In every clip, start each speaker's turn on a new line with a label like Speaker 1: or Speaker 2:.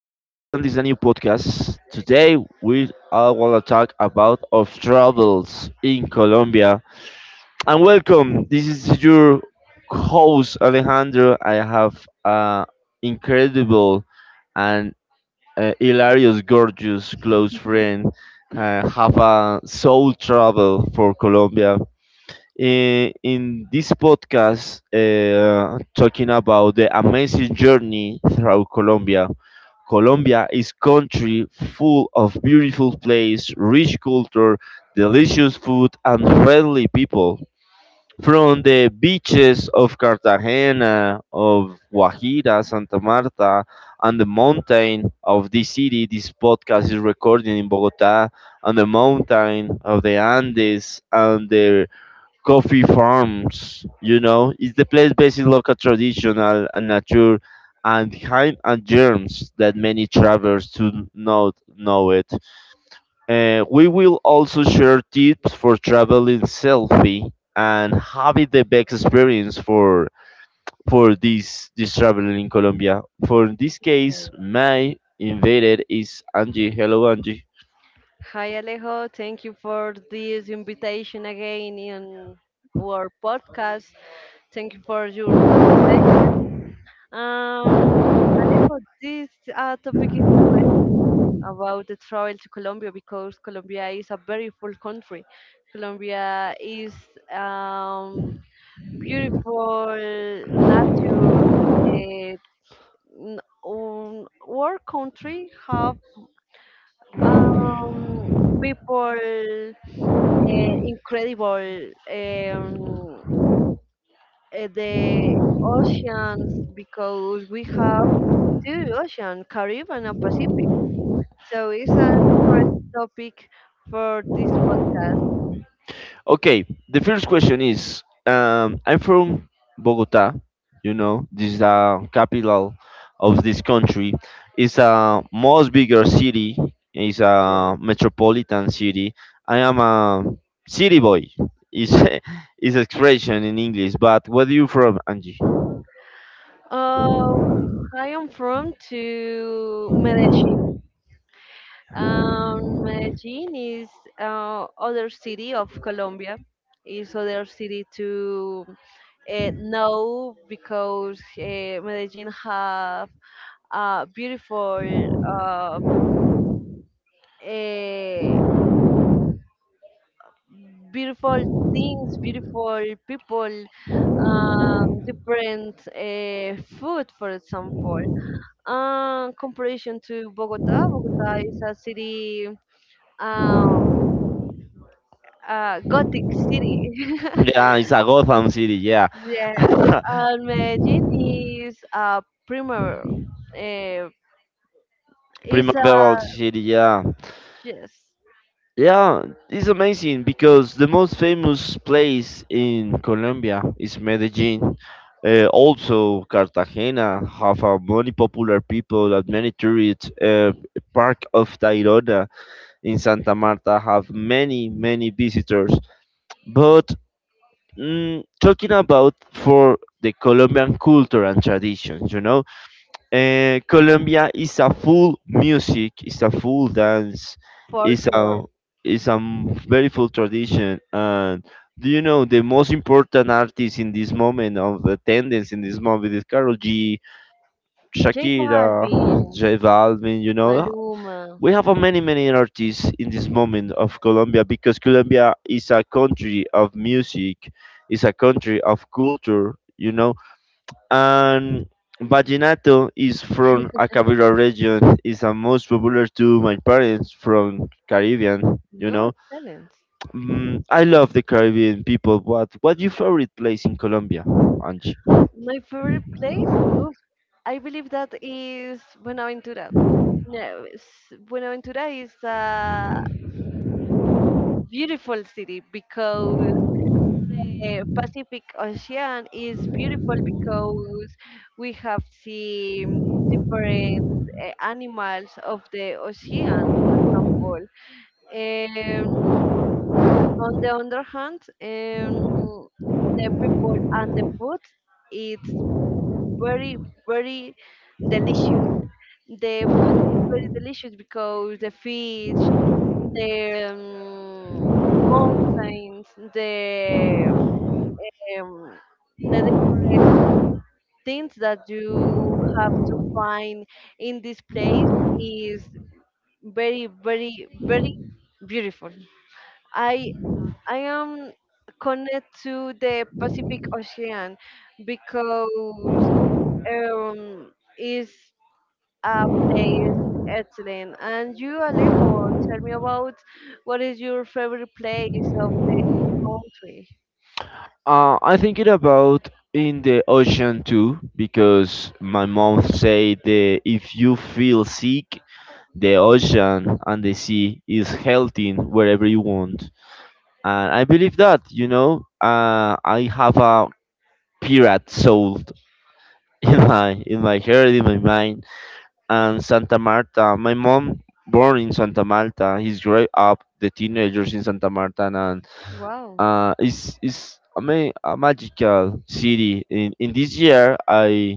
Speaker 1: This is a new podcast. Today we all want to talk about of troubles in Colombia. And welcome. This is your host Alejandro. I have an incredible and hilarious, gorgeous close friend. Have a soul travel for Colombia in this podcast talking about the amazing journey through Colombia. Colombia is country full of beautiful place, rich culture, delicious food and friendly people. From the beaches of Cartagena, of Guajira, Santa Marta, and the mountain of this city, this podcast is recording in Bogota, on the mountain of the Andes and the coffee farms. It's the place based in local traditional and nature and hymn and germs that many travelers do not know it. We will also share tips for traveling selfie and having the best experience for this traveling in Colombia. For this case, my invited is Angie. Hello, Angie.
Speaker 2: Hi Alejo, thank you for this invitation again in our podcast. Thank you for your presentation. Alejo, this topic interesting about the travel to Colombia because Colombia is a very full country. Colombia is um, beautiful nature. Uh, our country have um, people incredible the oceans because we have two oceans, Caribbean and Pacific. So it's an interesting topic for this podcast.
Speaker 1: Okay, the first question is I'm from Bogota. This is the capital of this country. It's a most bigger city, it's
Speaker 2: Yes.
Speaker 1: a metropolitan city. I am a city boy, is is expression in English, but where are you from, Angie?
Speaker 2: Uh, I am from to Medellin. Medellin is other city of Colombia. Is other city to know because Medellin have beautiful eh, beautiful things beautiful people different food, for example, comparison to Bogota. Bogota is a city, um, gothic city.
Speaker 1: Yeah, it's a Gotham City, yeah.
Speaker 2: Yes. And Medellin is a primer, uh, is
Speaker 1: Primaveral
Speaker 2: a.
Speaker 1: City, yeah.
Speaker 2: Yes.
Speaker 1: Yeah, it's amazing because the most famous place in Colombia is Medellin. Also, Cartagena have a many popular people that many tourists. Park of Tayrona in Santa Marta have many, many visitors. But talking about for the Colombian culture and traditions, Colombia is a full music, is a full dance, is a
Speaker 2: Folklore.
Speaker 1: very full tradition. And do you know the most important artist in this moment of attendance in this moment is Karol G,
Speaker 2: J Balvin,
Speaker 1: Shakira, J Balvin,
Speaker 2: Maluma.
Speaker 1: we have a many artists in this moment of Colombia because Colombia is a country of music, is a country of culture. And vallenato is from Acabira region, is the most popular to my parents from Caribbean, you
Speaker 2: No,
Speaker 1: know.
Speaker 2: excellent.
Speaker 1: I love the Caribbean people. But what your favorite place in Colombia, Angie?
Speaker 2: My favorite place? Oof, I believe that is Buenaventura. No, Buenaventura is a beautiful city because Pacific Ocean is beautiful because we have seen different animals of the ocean, for example. Um, on the other hand, the people and the food, it's very very delicious. The food is very delicious because the fish, the mountains, the um, the different things that you have to find in this place is very very very beautiful. I I am connected to the Pacific Ocean because um is place. Excellent. And you, Alejo, tell me about what is your favorite place of the country?
Speaker 1: I thinking about in the ocean too because my mom said that if you feel sick, the ocean and the sea is healthy wherever you want, and I believe that. I have a pirate soul in my heart, in my mind, and Santa Marta. My mom born in Santa Marta. He's grew up the teenagers in Santa Marta, and.
Speaker 2: Wow.
Speaker 1: It's a magical city. In this year, I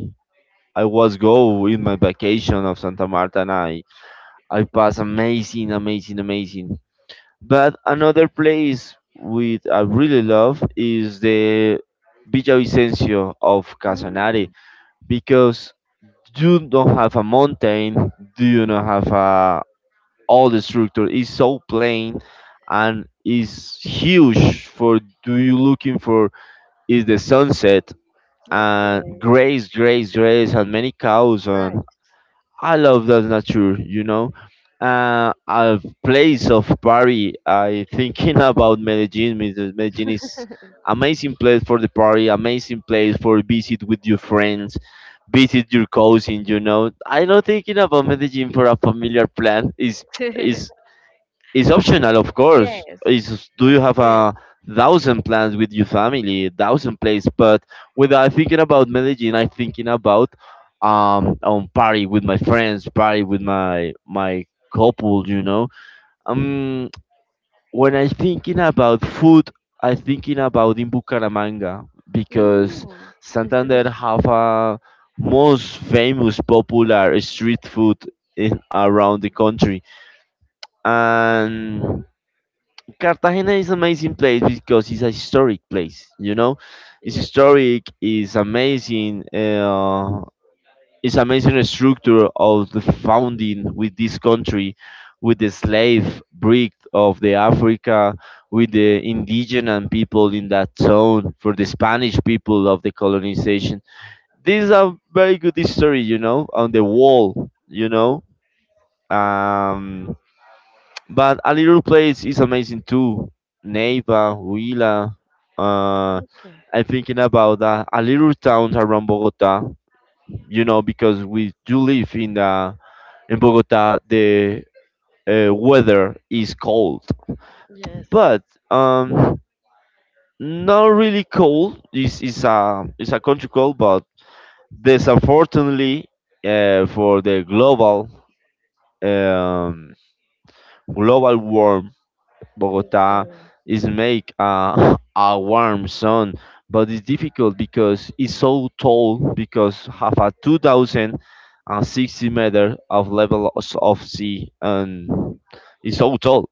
Speaker 1: I was go in my vacation of Santa Marta, and I pass amazing, amazing, amazing. But another place with I really love is the Villavicencio of Casanare
Speaker 2: Mm,
Speaker 1: because you don't have a mountain, do you not have a all the structure is so plain and is huge for do you looking for is the sunset and
Speaker 2: okay.
Speaker 1: grace, grace, grace, and many cows. And I love that nature. A place of party. I thinking about Medellin. Because Medellin is amazing place for the party, amazing place for visit with your friends, visit your cousin. I not thinking about Medellin for a familiar plan.
Speaker 2: Nice.
Speaker 1: Is it's optional, of course.
Speaker 2: Yes.
Speaker 1: Is do
Speaker 2: A
Speaker 1: you have
Speaker 2: friend.
Speaker 1: a thousand plans with your family, a thousand places? But when I'm thinking about Medellin, I'm thinking about party with my friends, party with my couple. Um, when I'm thinking about food, I'm thinking about in Bucaramanga because
Speaker 2: Mm, it's
Speaker 1: Santander
Speaker 2: delicious.
Speaker 1: have a most famous popular street food in around the country and Cartagena is an amazing place because it's a historic place. It's
Speaker 2: Yes.
Speaker 1: historic. It's amazing. It's amazing structure of the founding with this country, with the slave breed of the Africa, with the indigenous people in that zone, for the Spanish people of the colonization. This is a very good history. On the wall. Um, but a little place is amazing too. Neiva, Huila. Uh,
Speaker 2: Okay.
Speaker 1: I'm thinking about a little town around Bogota. Because we do live in Bogota. The weather is cold,
Speaker 2: Yes.
Speaker 1: but um, not really cold. This is a country cold, but there's unfortunately for the um, global war Bogota
Speaker 2: Okay.
Speaker 1: is make a, a warm sun, but it's difficult because it's so tall because have a 2,060 meter of level of sea and it's so tall.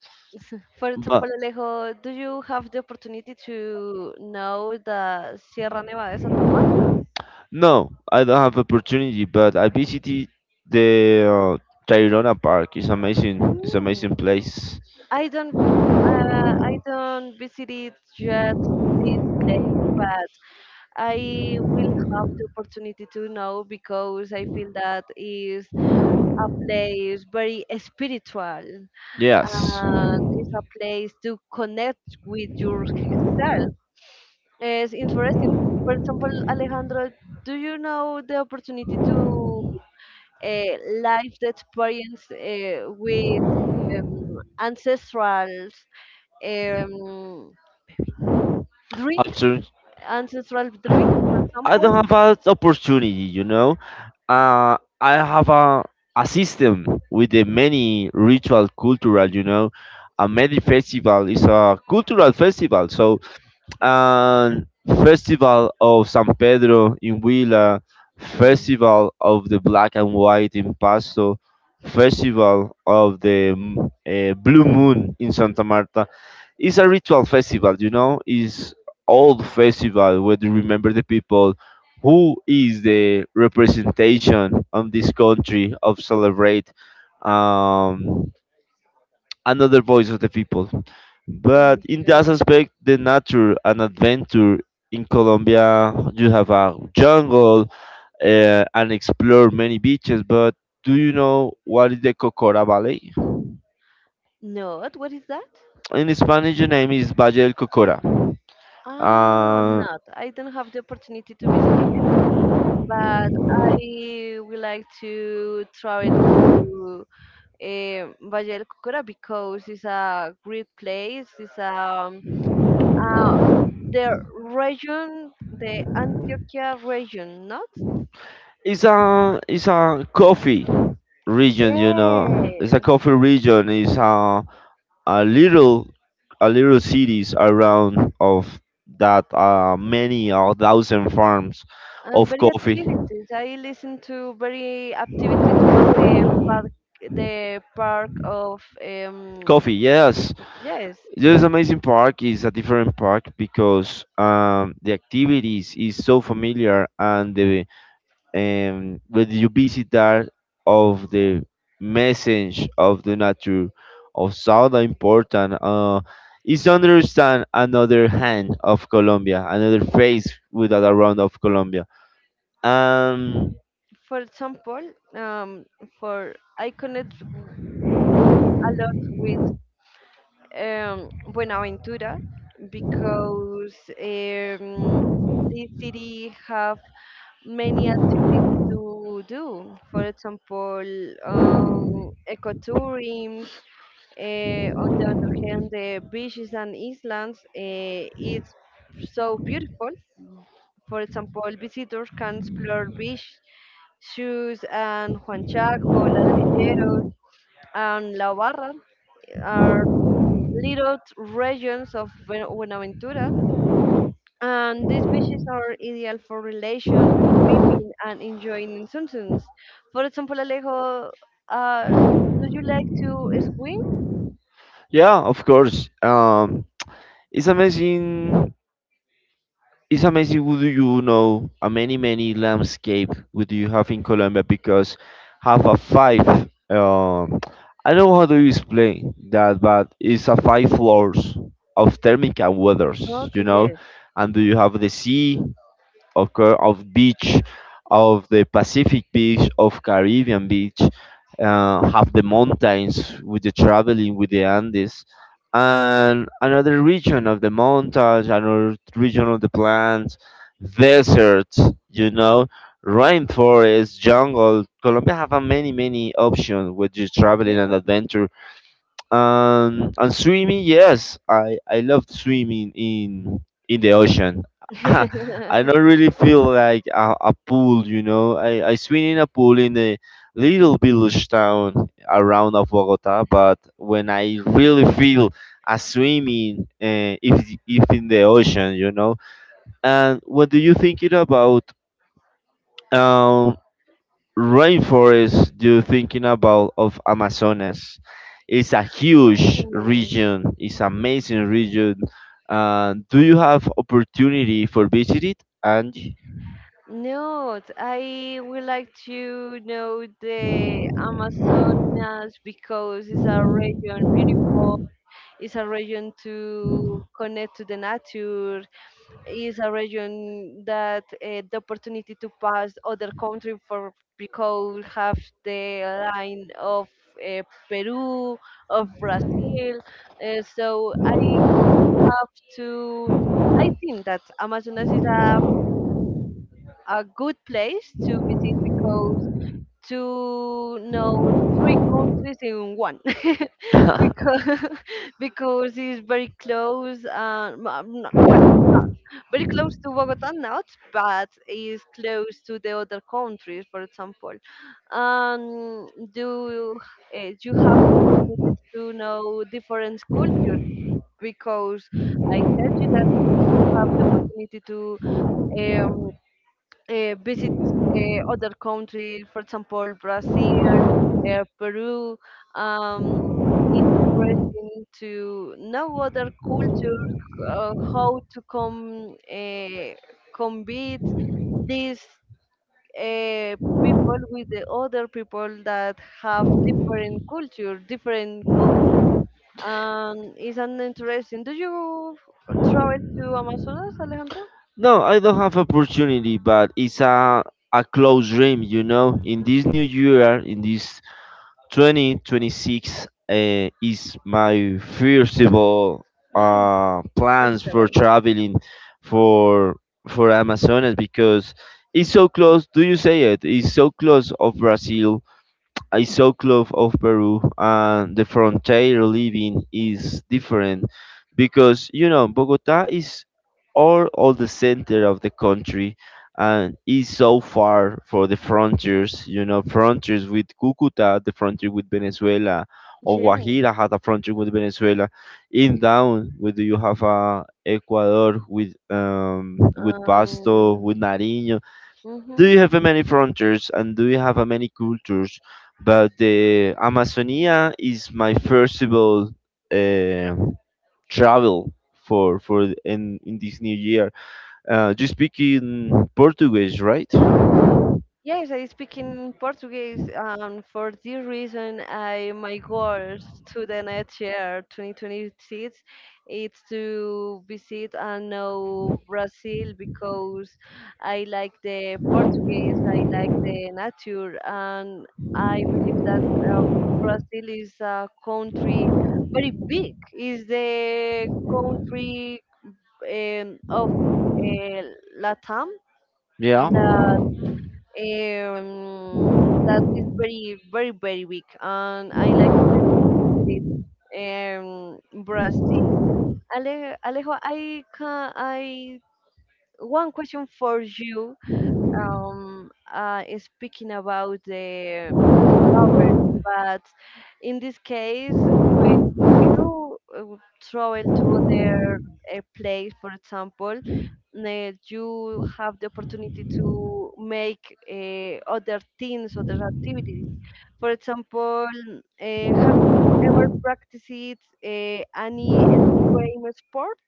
Speaker 2: For example,
Speaker 1: But
Speaker 2: Alejo, do you have the opportunity to know the Sierra Nevada de Santa Marta?
Speaker 1: no, I don't have opportunity, but I visited the Tayrona Park. It's amazing. It's amazing
Speaker 2: Mm.
Speaker 1: place.
Speaker 2: I don't I don't visit it yet this place, but I will have the opportunity to know because I feel that is a place very spiritual,
Speaker 1: Yes.
Speaker 2: and it's a place to connect with yourself. It's interesting. For example, Alejandro, do you know the opportunity to live the experience with ancestrals, um, drinks,
Speaker 1: After
Speaker 2: ancestral drinks, for
Speaker 1: I don't
Speaker 2: example.
Speaker 1: have an opportunity. I have a system with the many ritual cultural. A many festival is a cultural festival, so and Festival of San Pedro in Huila,
Speaker 2: Mm,
Speaker 1: Festival of the Black and White in Pasto, Festival of the Blue Moon in Santa Marta. It's a ritual festival. It's old festival where you remember the people who is the representation of this country of celebrate um, another voice of the people. But in that
Speaker 2: okay.
Speaker 1: aspect, the nature and adventure in Colombia, you have a jungle and explore many beaches. But do you know what is the Cocora Valley?
Speaker 2: Not, what is that?
Speaker 1: In Spanish, the name is Valle del Cocora.
Speaker 2: Ah, I'm
Speaker 1: Uh,
Speaker 2: not. I don't have the opportunity to visit it, but I would like to travel to Valle del Cocora because it's a great place. It's uh, the region, the Antioquia region, not?
Speaker 1: it's a coffee region. It's a
Speaker 2: Yes.
Speaker 1: coffee region. It's a little a little cities around of that many or thousand farms
Speaker 2: And
Speaker 1: of
Speaker 2: very
Speaker 1: coffee
Speaker 2: activities. I listen to very activities for the park of
Speaker 1: coffee Yes,
Speaker 2: yes.
Speaker 1: this amazing park is a different park because the activities is so familiar and the when you visit there of the message of the nature of sound important is understand another hand of Colombia another face with that around of Colombia and
Speaker 2: For example, um for I connect w- a lot with Buenaventura because um this city have many activities to do. For example, ecotourism. On the other hand, the beaches and islands is so beautiful. For example, visitors can explore beach shoes and Juan Chaco, Ladrilleros, and La Barra are little regions of Buenaventura. And these beaches are ideal for relaxation, swimming, and enjoying sunsets. For example, Alejo, uh, do you like to swim?
Speaker 1: yeah, of course. Um it's amazing it's amazing what do you know a many landscape what do you have in Colombia because have a five um I don't know how do you explain that but it's a five floors of thermic and weathers you
Speaker 2: Okay,
Speaker 1: know
Speaker 2: yes.
Speaker 1: And do you have the sea occur of beach of the Pacific beach of Caribbean beach have the mountains with the traveling with the Andes and another region of the mountains another region of the plants deserts you know rainforest jungle Colombia have a many options with you traveling and
Speaker 2: Yes.
Speaker 1: adventure and swimming, yes, I love swimming in the ocean. I don't really feel like a pool. I swim in a pool in a little village town around of Bogota, but when I really feel a swimming, if in the ocean. And what do you think it about? um rainforest you're thinking about of Amazonas. It's a huge
Speaker 2: Ooh.
Speaker 1: region. It's amazing region. Do you have opportunity for visit it, Angie?
Speaker 2: No, I would like to know the Amazonas because it's a region beautiful. It's a region to connect to the nature. It's a region that the opportunity to pass other country for because have the line of uh, Peru, of Brazil. So I have to. I think that Amazonas is a good place to visit because to know three countries in one because because it's very close, no, I'm not, well, not very close to Bogota, not, but is close to the other countries, for example, do you have the opportunity to know different cultures because I tell you that you have the opportunity to um visit other countries, for example, Brazil, Peru. Um, it's interesting to know other culture, how to come combat these uh, people with the other people that have different culture, different food. It's an interesting. Do you travel to Amazonas, Alejandro?
Speaker 1: No, I don't have opportunity, but it's a close dream. In this new year, in this 2026 is my first of all
Speaker 2: Ah,
Speaker 1: plans for
Speaker 2: excellent.
Speaker 1: traveling for for Amazonas because it's so close. Do you say it? It's so close of Brazil I saw clove of Peru and the frontier living is different because Bogota is all the center of the country and is so far for the frontiers you know frontiers with Cucuta the frontier with Venezuela or
Speaker 2: Yes.
Speaker 1: Guajira has a frontier with Venezuela in down with you have Ecuador with Pasto
Speaker 2: Um,
Speaker 1: with Nariño do
Speaker 2: mhm.
Speaker 1: you have a many frontiers and do you have a many cultures? But the Amazonia is my firstable uh, travel for in this new year. You speak in Portuguese, right?
Speaker 2: Yes, I speak in Portuguese, and for this reason, I my goals to the next year, 2026, it's to visit and know Brazil because I like the Portuguese, I like the nature, and I believe that uh, Brazil is a country very big. Is the country of uh, Latam
Speaker 1: Yeah.
Speaker 2: that that is very very very weak, and I like to visit it, um Brazil. Alejo, I one question for you, is speaking about the travel, but in this case, when you travel to other place, for example, you have the opportunity to make other things, other activities. For example, uh, have you ever practiced any extreme sports?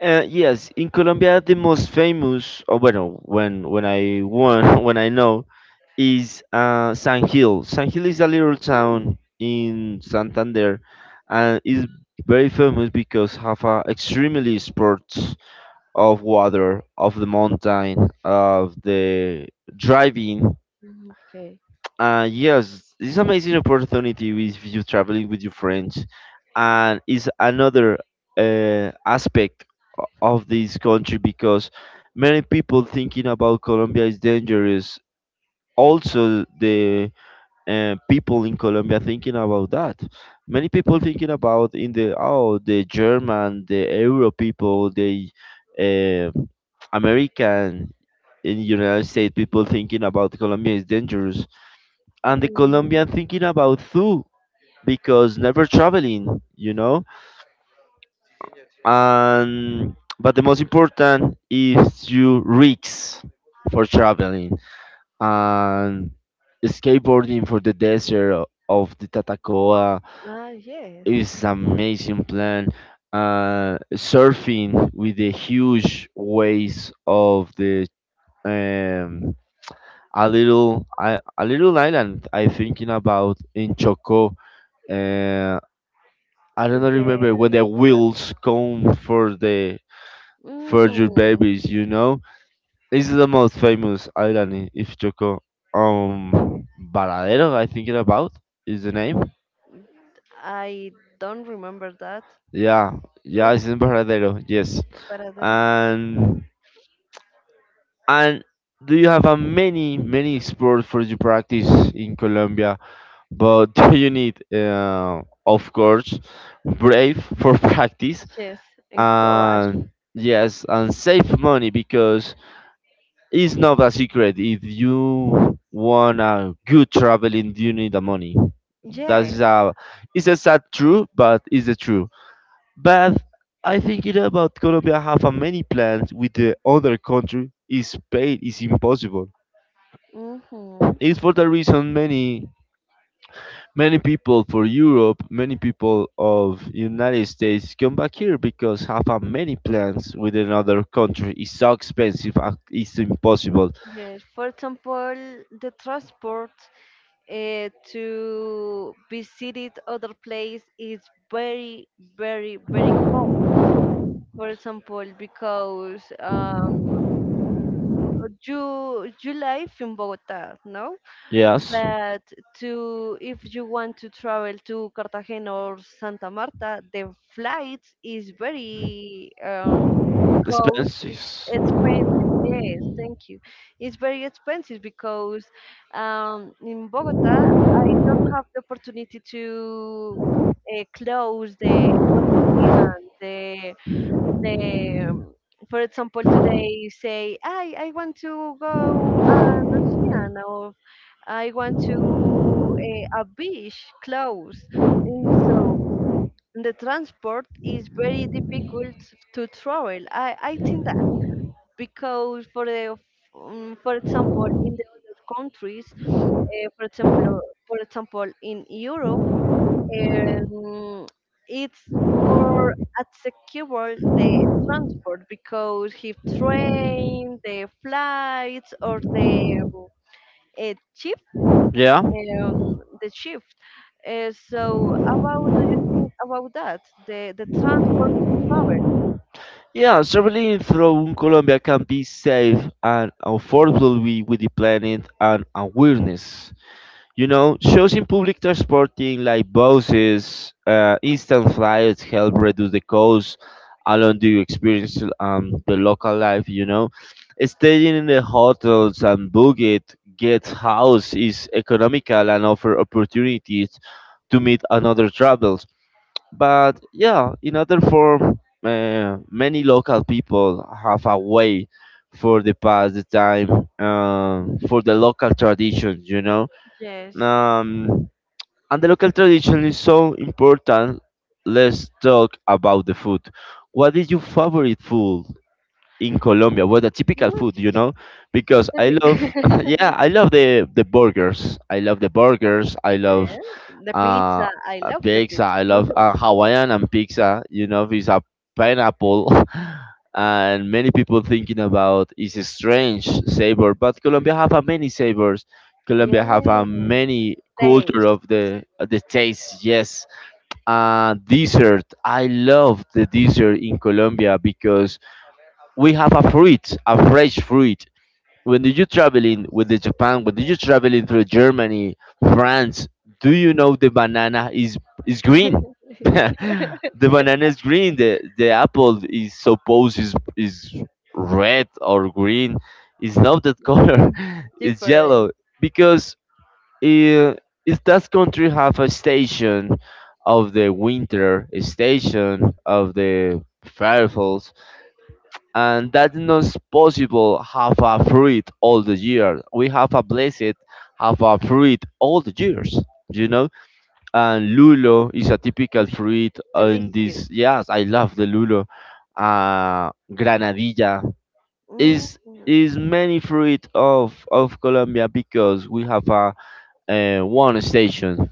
Speaker 1: Yes, in Colombia, the most famous, or well, when I won, when I know, is San Gil. San Gil is a little town
Speaker 2: Mm,
Speaker 1: in Santander, and is very famous because have a extremely sports of water, of the mountain, of the driving.
Speaker 2: okay.
Speaker 1: Yes, it's amazing opportunity with you traveling with your friends, and it's another aspect of this country because many people thinking about Colombia is dangerous. Also, the people in Colombia thinking about that. Many people thinking about in the German, the Euro people, the uh, American in United States people thinking about Colombia is dangerous, and the
Speaker 2: Mm.
Speaker 1: Colombian thinking about too because never traveling, you know and but the most important is you risks for traveling and skateboarding for the desert of the Tatacoa
Speaker 2: Ah, yes.
Speaker 1: is amazing plan. Surfing with the huge waves of the um, a little island I thinking about in Choco. Uh, I don't remember
Speaker 2: The
Speaker 1: when the
Speaker 2: last,
Speaker 1: wheels come for your
Speaker 2: mm,
Speaker 1: babies. This is the most famous island in Ifjoko. Um, Varadero, I think it about is the name.
Speaker 2: I don't remember that.
Speaker 1: Yeah, yeah,
Speaker 2: Yes,
Speaker 1: it's in Varadero. Yes,
Speaker 2: paradero.
Speaker 1: and and do you have a many sports for you practice in Colombia? But do you need, of course, brave for practice
Speaker 2: Yes, encourage.
Speaker 1: and yes, and save money because it's not a secret. If you want a good traveling, you need the money.
Speaker 2: Yeah.
Speaker 1: That's a, it's a sad truth, but it's the truth. But I think it about Colombia have a many plans with the other country. Is paid is impossible.
Speaker 2: Mm-hmm.
Speaker 1: It's for the reason many many people for Europe, many people of United States come back here because have a many plans with another country. It's so expensive. It's impossible.
Speaker 2: Yes. For example, the transport to visit other place is very, very, very cold. For example, because you live in Bogota, no?
Speaker 1: Yes,
Speaker 2: But to if you want to travel to Cartagena or Santa Marta, the flight is very, cost is
Speaker 1: expenses.
Speaker 2: expensive. Yes, thank you. It's very expensive because in Bogota I don't have the opportunity to close the ocean, the the for example, today you say I want to go an ocean or I want to a beach close, and so the transport is very difficult to travel, I think that because for the, for example, in the countries, uh, for example for example in Europe, um, it's more secure the transport because if train, the flights, or the ship,
Speaker 1: Yeah.
Speaker 2: the shift. So, how do you think about that? The transport to travel?
Speaker 1: Yeah, traveling from Colombia can be safe and affordably with the planet and awareness. You know, choosing public transporting like buses, instant flights help reduce the cost along the experience the local life. Staying in the hotels and booking guest house is economical and offer opportunities to meet another travelers. But yeah, in other form, many local people have a way for the past the time for the local traditions.
Speaker 2: Yes.
Speaker 1: Um, and the local tradition is so important. Let's talk about the food. What is your favorite food in Colombia? What the typical
Speaker 2: Mm,
Speaker 1: food? Because I
Speaker 2: specific.
Speaker 1: love, yeah, I love the burgers. I love the burgers. I love
Speaker 2: Yes, the
Speaker 1: uh,
Speaker 2: pizza. I
Speaker 1: uh,
Speaker 2: love the
Speaker 1: pizza.
Speaker 2: pizza.
Speaker 1: I love Hawaiian and pizza. You know, with a pineapple, and many people thinking about is a strange savor. But Colombia have a many savors. Colombia have a
Speaker 2: Yes.
Speaker 1: many culture
Speaker 2: Taste
Speaker 1: of the taste. Yes, dessert. I love the dessert in Colombia because we have a fruit, a fresh fruit when did you traveling with the Japan? When did you traveling through Germany, France? Do you know the banana is green? The banana is green. The apple is supposed is red or green. It's not that color. It's yellow
Speaker 2: different.
Speaker 1: because uh, is that country have a station of the winter, a station of the firefalls, and that's not possible have a fruit all the year. We have a blessed have a fruit all the years, you know. And lulo is a typical
Speaker 2: Oof,
Speaker 1: fruit in
Speaker 2: delicious.
Speaker 1: this. Yes, I love the lulo. Granadilla
Speaker 2: Mm.
Speaker 1: is is many fruit of Colombia because we have a, one station,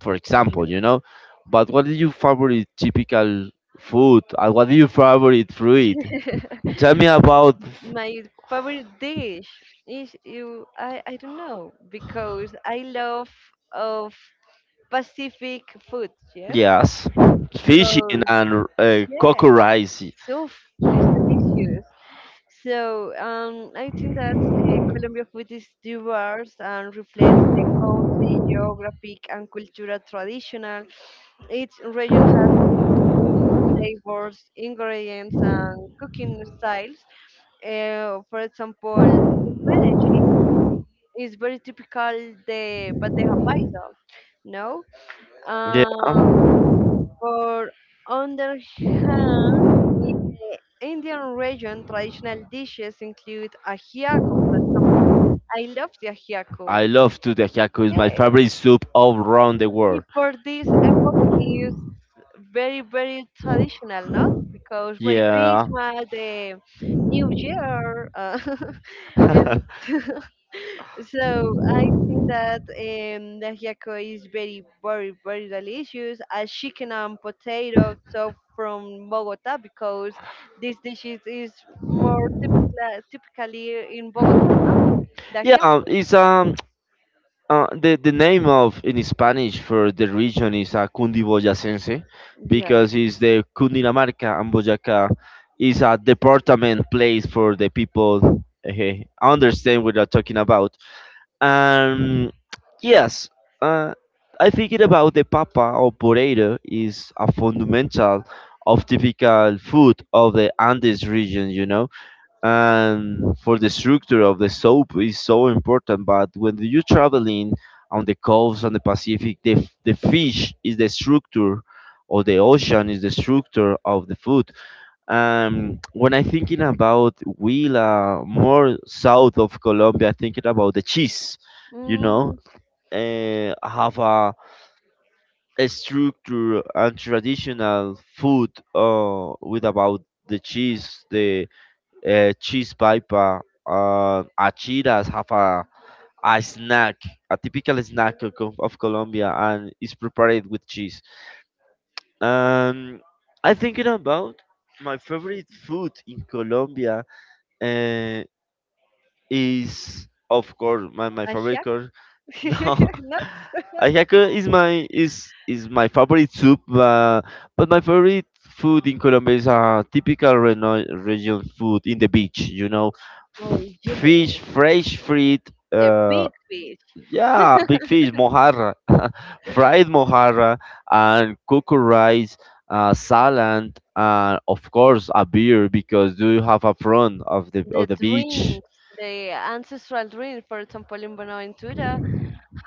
Speaker 1: for example, you
Speaker 2: Yes.
Speaker 1: know. But what is your favorite typical food? And what is your favorite fruit? Tell me about.
Speaker 2: My favorite dish is, you, I don't know because I love of Pacific food, yes?
Speaker 1: Yes, fishing
Speaker 2: Because
Speaker 1: and
Speaker 2: yeah,
Speaker 1: coco rice.
Speaker 2: soup is delicious. So I think that Colombia food is diverse and reflects the country, geographic and cultural traditional. Each region has its flavors, ingredients, and cooking styles. For example, in Medellin is very typical the bandeja paisa, no?
Speaker 1: Yeah,
Speaker 2: Um, for other hand, in the Indian region, traditional dishes include ajiaco, for example. I love the ajiaco.
Speaker 1: I love to the taco. It's my
Speaker 2: Yes,
Speaker 1: favorite soup all around the
Speaker 2: and
Speaker 1: world.
Speaker 2: for this epoch is very very traditional, not because Merry
Speaker 1: Yeah.
Speaker 2: Christmas, the New Year. And so I think that, the ajiaco is very, very, very delicious. A chicken and potato, so from Bogota, because this dish is more typical, typically in Bogota, no? The
Speaker 1: Yeah,
Speaker 2: ajiaco.
Speaker 1: it's the name of in Spanish for the region is Cundiboyacense
Speaker 2: Yeah.
Speaker 1: because it's the Cundinamarca and Boyacá is a department place for the people. Understand what I'm talking about. And yes, uh, I think it about the papa or potato is a fundamental of typical food of the Andes region, you know, and for the structure of the soup is so important. But when you're traveling on the coast on the Pacific, the fish is the structure or the ocean is the structure of the food. When I thinking about Huila, more south of Colombia, thinking about the cheese, you know,
Speaker 2: Mm,
Speaker 1: have a structure and traditional food with about the cheese pipa, achiras have a snack, a typical snack of Colombia, and is prepared with cheese. Um, I thinking about my favorite food in Colombia uh, is of course my favorite
Speaker 2: ajiaco?
Speaker 1: course. No,
Speaker 2: No?
Speaker 1: ajiaco is is my favorite soup, but my favorite food in Colombia is a typical region food in the beach. You know, F-
Speaker 2: Oh, yes.
Speaker 1: fish, fresh fruit.
Speaker 2: The
Speaker 1: Uh,
Speaker 2: big fish,
Speaker 1: yeah, big fish, mojarra, fried mojarra, and cooked rice, salad, and of course a beer because do you have a front of the
Speaker 2: the
Speaker 1: of the beach
Speaker 2: drinks, the ancestral drink, for example, in Bonaventura.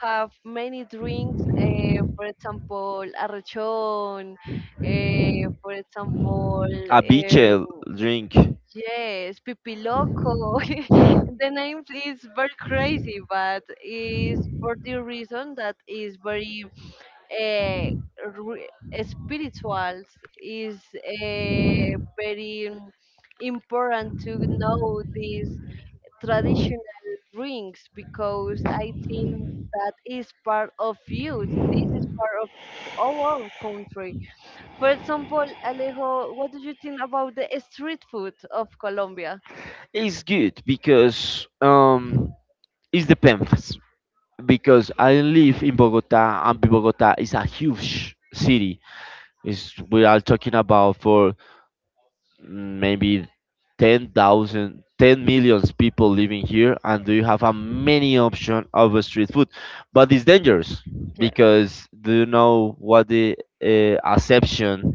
Speaker 2: Have many drinks, for example, arrechón, for example,
Speaker 1: a beer drink
Speaker 2: yes, pipiloco. The name is very crazy, but is for the reason that is very uh, re- spirituals, is very important to know this traditional drinks because I think that is part of youth. This is part of our country. For example, Alejo, what do you think about the street food of Colombia?
Speaker 1: is good because it depends because I live in Bogota and Bogota is a huge city. We are talking about for maybe 10,000 people living here and you have a many option of a street food, but it's dangerous
Speaker 2: Yes.
Speaker 1: because do you know what the acception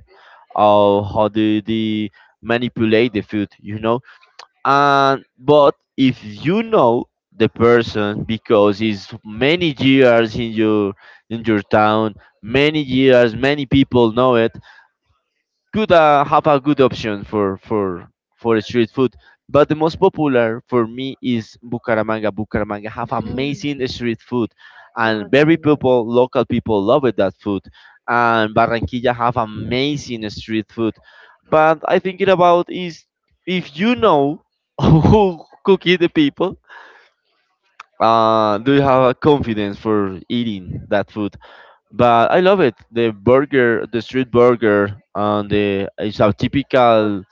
Speaker 1: of how do they manipulate the food, you know. And but if you know the person because it's many years in your town, many years, many people know it, could have a good option for street food. But the most popular for me is Bucaramanga. Bucaramanga have
Speaker 2: Mm.
Speaker 1: amazing street food, and
Speaker 2: Okay.
Speaker 1: very people, local people love it, that food. And Barranquilla have amazing street food. But I think it about is if you know who cook it, the people, do you have a confidence for eating that food? But I love it. The burger, the street burger, and the it's a
Speaker 2: Well.
Speaker 1: typical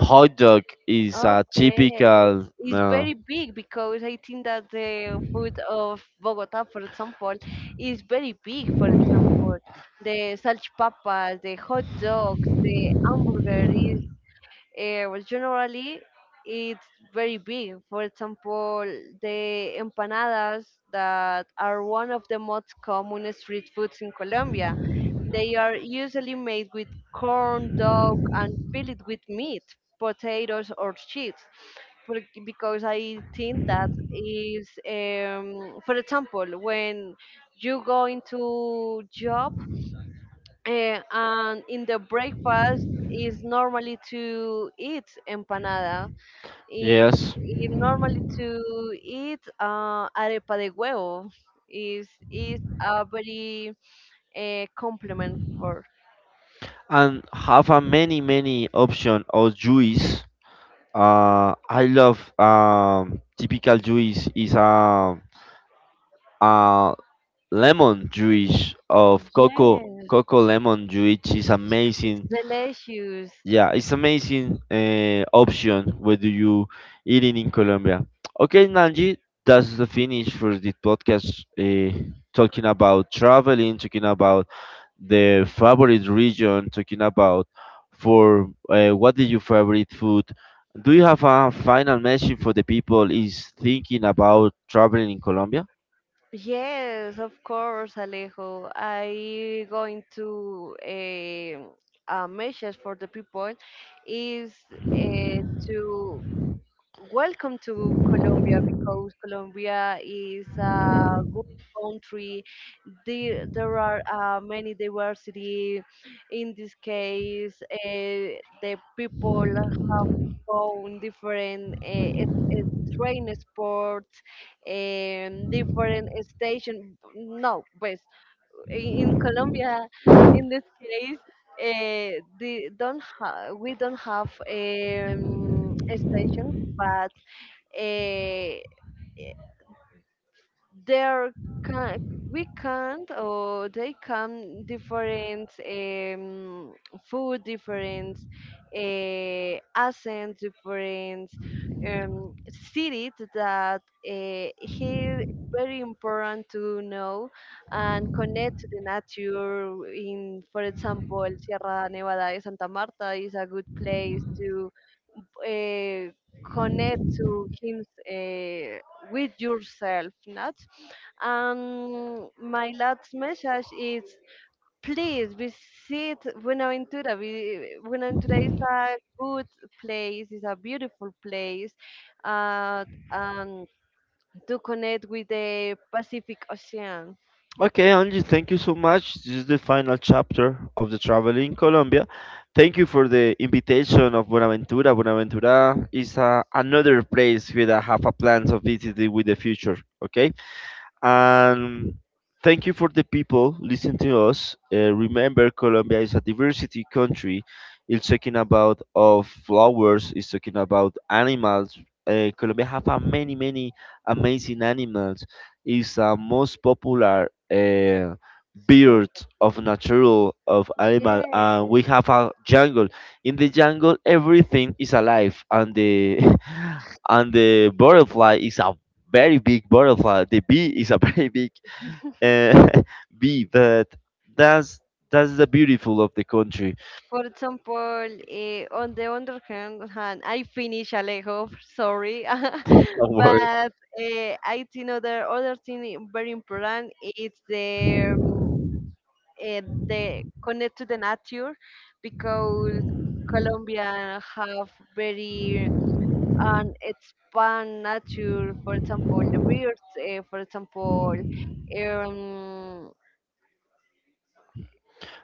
Speaker 1: hot dog. Is a
Speaker 2: Okay.
Speaker 1: typical.
Speaker 2: It's very big because I think that the food of Bogota, for example, is very big. For example, the salchipapas, the hot dogs, the hamburger is well, generally it's very big. For example, the empanadas that are one of the most common street foods in Colombia. They are usually made with corn, dog, and filled with meat, potatoes, or cheese. Because I think that is, for example, when you go into job. And in the breakfast is normally to eat empanada. It,
Speaker 1: Yes,
Speaker 2: it normally to eat arepa de huevo. Is a very compliment for.
Speaker 1: and have a many many option of juice. I love typical juice is a uh, lemon juice of coco
Speaker 2: Yes,
Speaker 1: coco lemon juice is
Speaker 2: it's
Speaker 1: amazing.
Speaker 2: delicious.
Speaker 1: Yeah, it's amazing option whether you eating in Colombia. Okay, Nanji, that's the finish for this podcast. Talking about traveling, talking about the favorite region, talking about for what is your favorite food. Do you have a final message for the people is thinking about traveling in Colombia?
Speaker 2: Yes, of course, Alejo. I going to a message for the people is to welcome to Colombia because Colombia is a good country. There are many diversity. In this case, the people have own different it train sports and different station. No, but in Colombia, in this case, the don't ha- we don't have a station, but eh, there can we can't or they come different food different accent different cities that here very important to know and connect to the nature in, for example, Sierra Nevada de Santa Marta is a good place to uh, connect to him, uh, with yourself, not. And my last message is, please visit Buenaventura. Buenaventura is a good place. It's a beautiful place, uh, and to connect with the Pacific Ocean.
Speaker 1: Okay, Angie, thank you so much. This is the final chapter of the travel in Colombia. Thank you for the invitation of Buenaventura. Buenaventura is another place where I have a plan of visiting with the future. Okay. And thank you for the people listening to us. Remember, Colombia is a diversity country. It's talking about of flowers. It's talking about animals. Colombia have a many many amazing animals. It's a most popular bird
Speaker 2: So,
Speaker 1: of natural of animal,
Speaker 2: yes.
Speaker 1: and we have a jungle. In the jungle, everything is alive, and the and the butterfly is a very big butterfly. The bee is a very big uh, bee, but that's that's the beautiful of the country.
Speaker 2: For example, on the other hand, I finish Alejo, sorry,
Speaker 1: Our-
Speaker 2: but I think other thing, very important is the eh, the connect to the nature because Colombia have very an expand nature. For example, the birds. For example, um,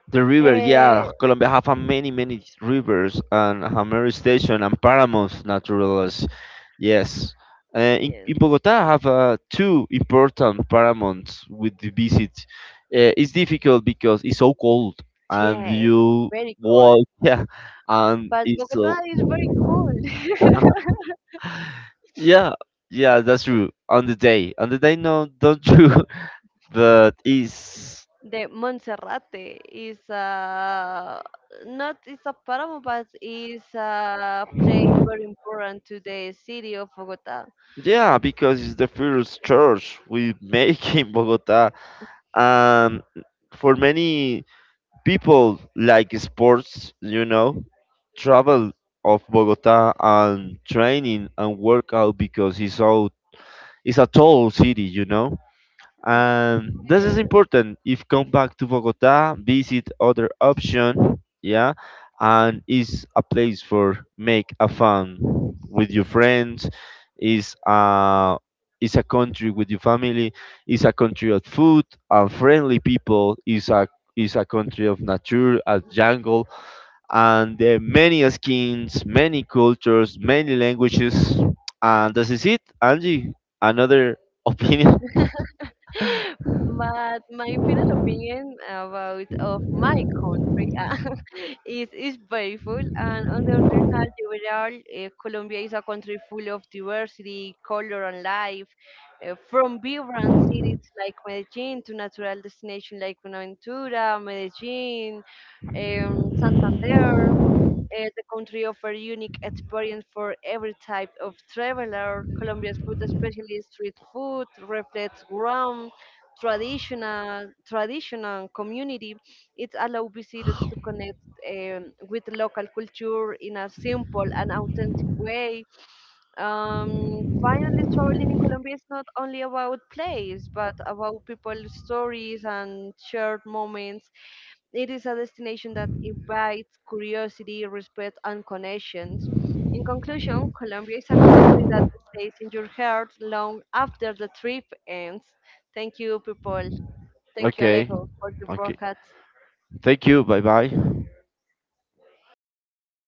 Speaker 1: The river, yeah,
Speaker 2: eh,
Speaker 1: Colombia have a many many rivers and Hammer Station and paramos Naturales. Yes,
Speaker 2: yes,
Speaker 1: in Bogota have two important Paramounts with the visit. It's difficult because it's so cold and
Speaker 2: yes,
Speaker 1: you
Speaker 2: very cool.
Speaker 1: walk, yeah, and
Speaker 2: But
Speaker 1: it's so
Speaker 2: Bogota is very cold.
Speaker 1: yeah, yeah, that's true. On the day, no, don't you? But it's
Speaker 2: The Monserrate is, not it's a paramo, but is a place very important to the city of Bogota.
Speaker 1: yeah, because it's the first church we make in Bogota. Um, for many people like sports, you know, travel of Bogota and training and workout because it's a tall city, you know. And this is
Speaker 2: Yes.
Speaker 1: important if come back to Bogota visit other option, yeah, and is a place for make a fun with your friends, is a is a country with your family, is a country of food and friendly people, is a country of nature a jungle, and there are many skins, many cultures, many languages, and this is it, Angie, another opinion.
Speaker 2: But my final opinion about of my country is beautiful, and on the other hand, overall, Colombia is a country full of diversity, color, and life. From vibrant cities like Medellin to natural destinations like Buenaventura, Medellin, Santander. The country offers unique experience for every type of traveler. Colombia's food, especially street food, reflects ground traditional community. It allows visitors to connect, with local culture in a simple and authentic way. Finally, traveling in Colombia is not only about place, but about people's stories and shared moments. It is a destination that invites curiosity, respect, and connections. In conclusion, Colombia is a country that stays in your heart long after the trip ends. Thank you, people. Thank you,
Speaker 1: Okay.
Speaker 2: Alejo, for your
Speaker 1: Okay.
Speaker 2: podcast.
Speaker 1: Thank you. Bye bye.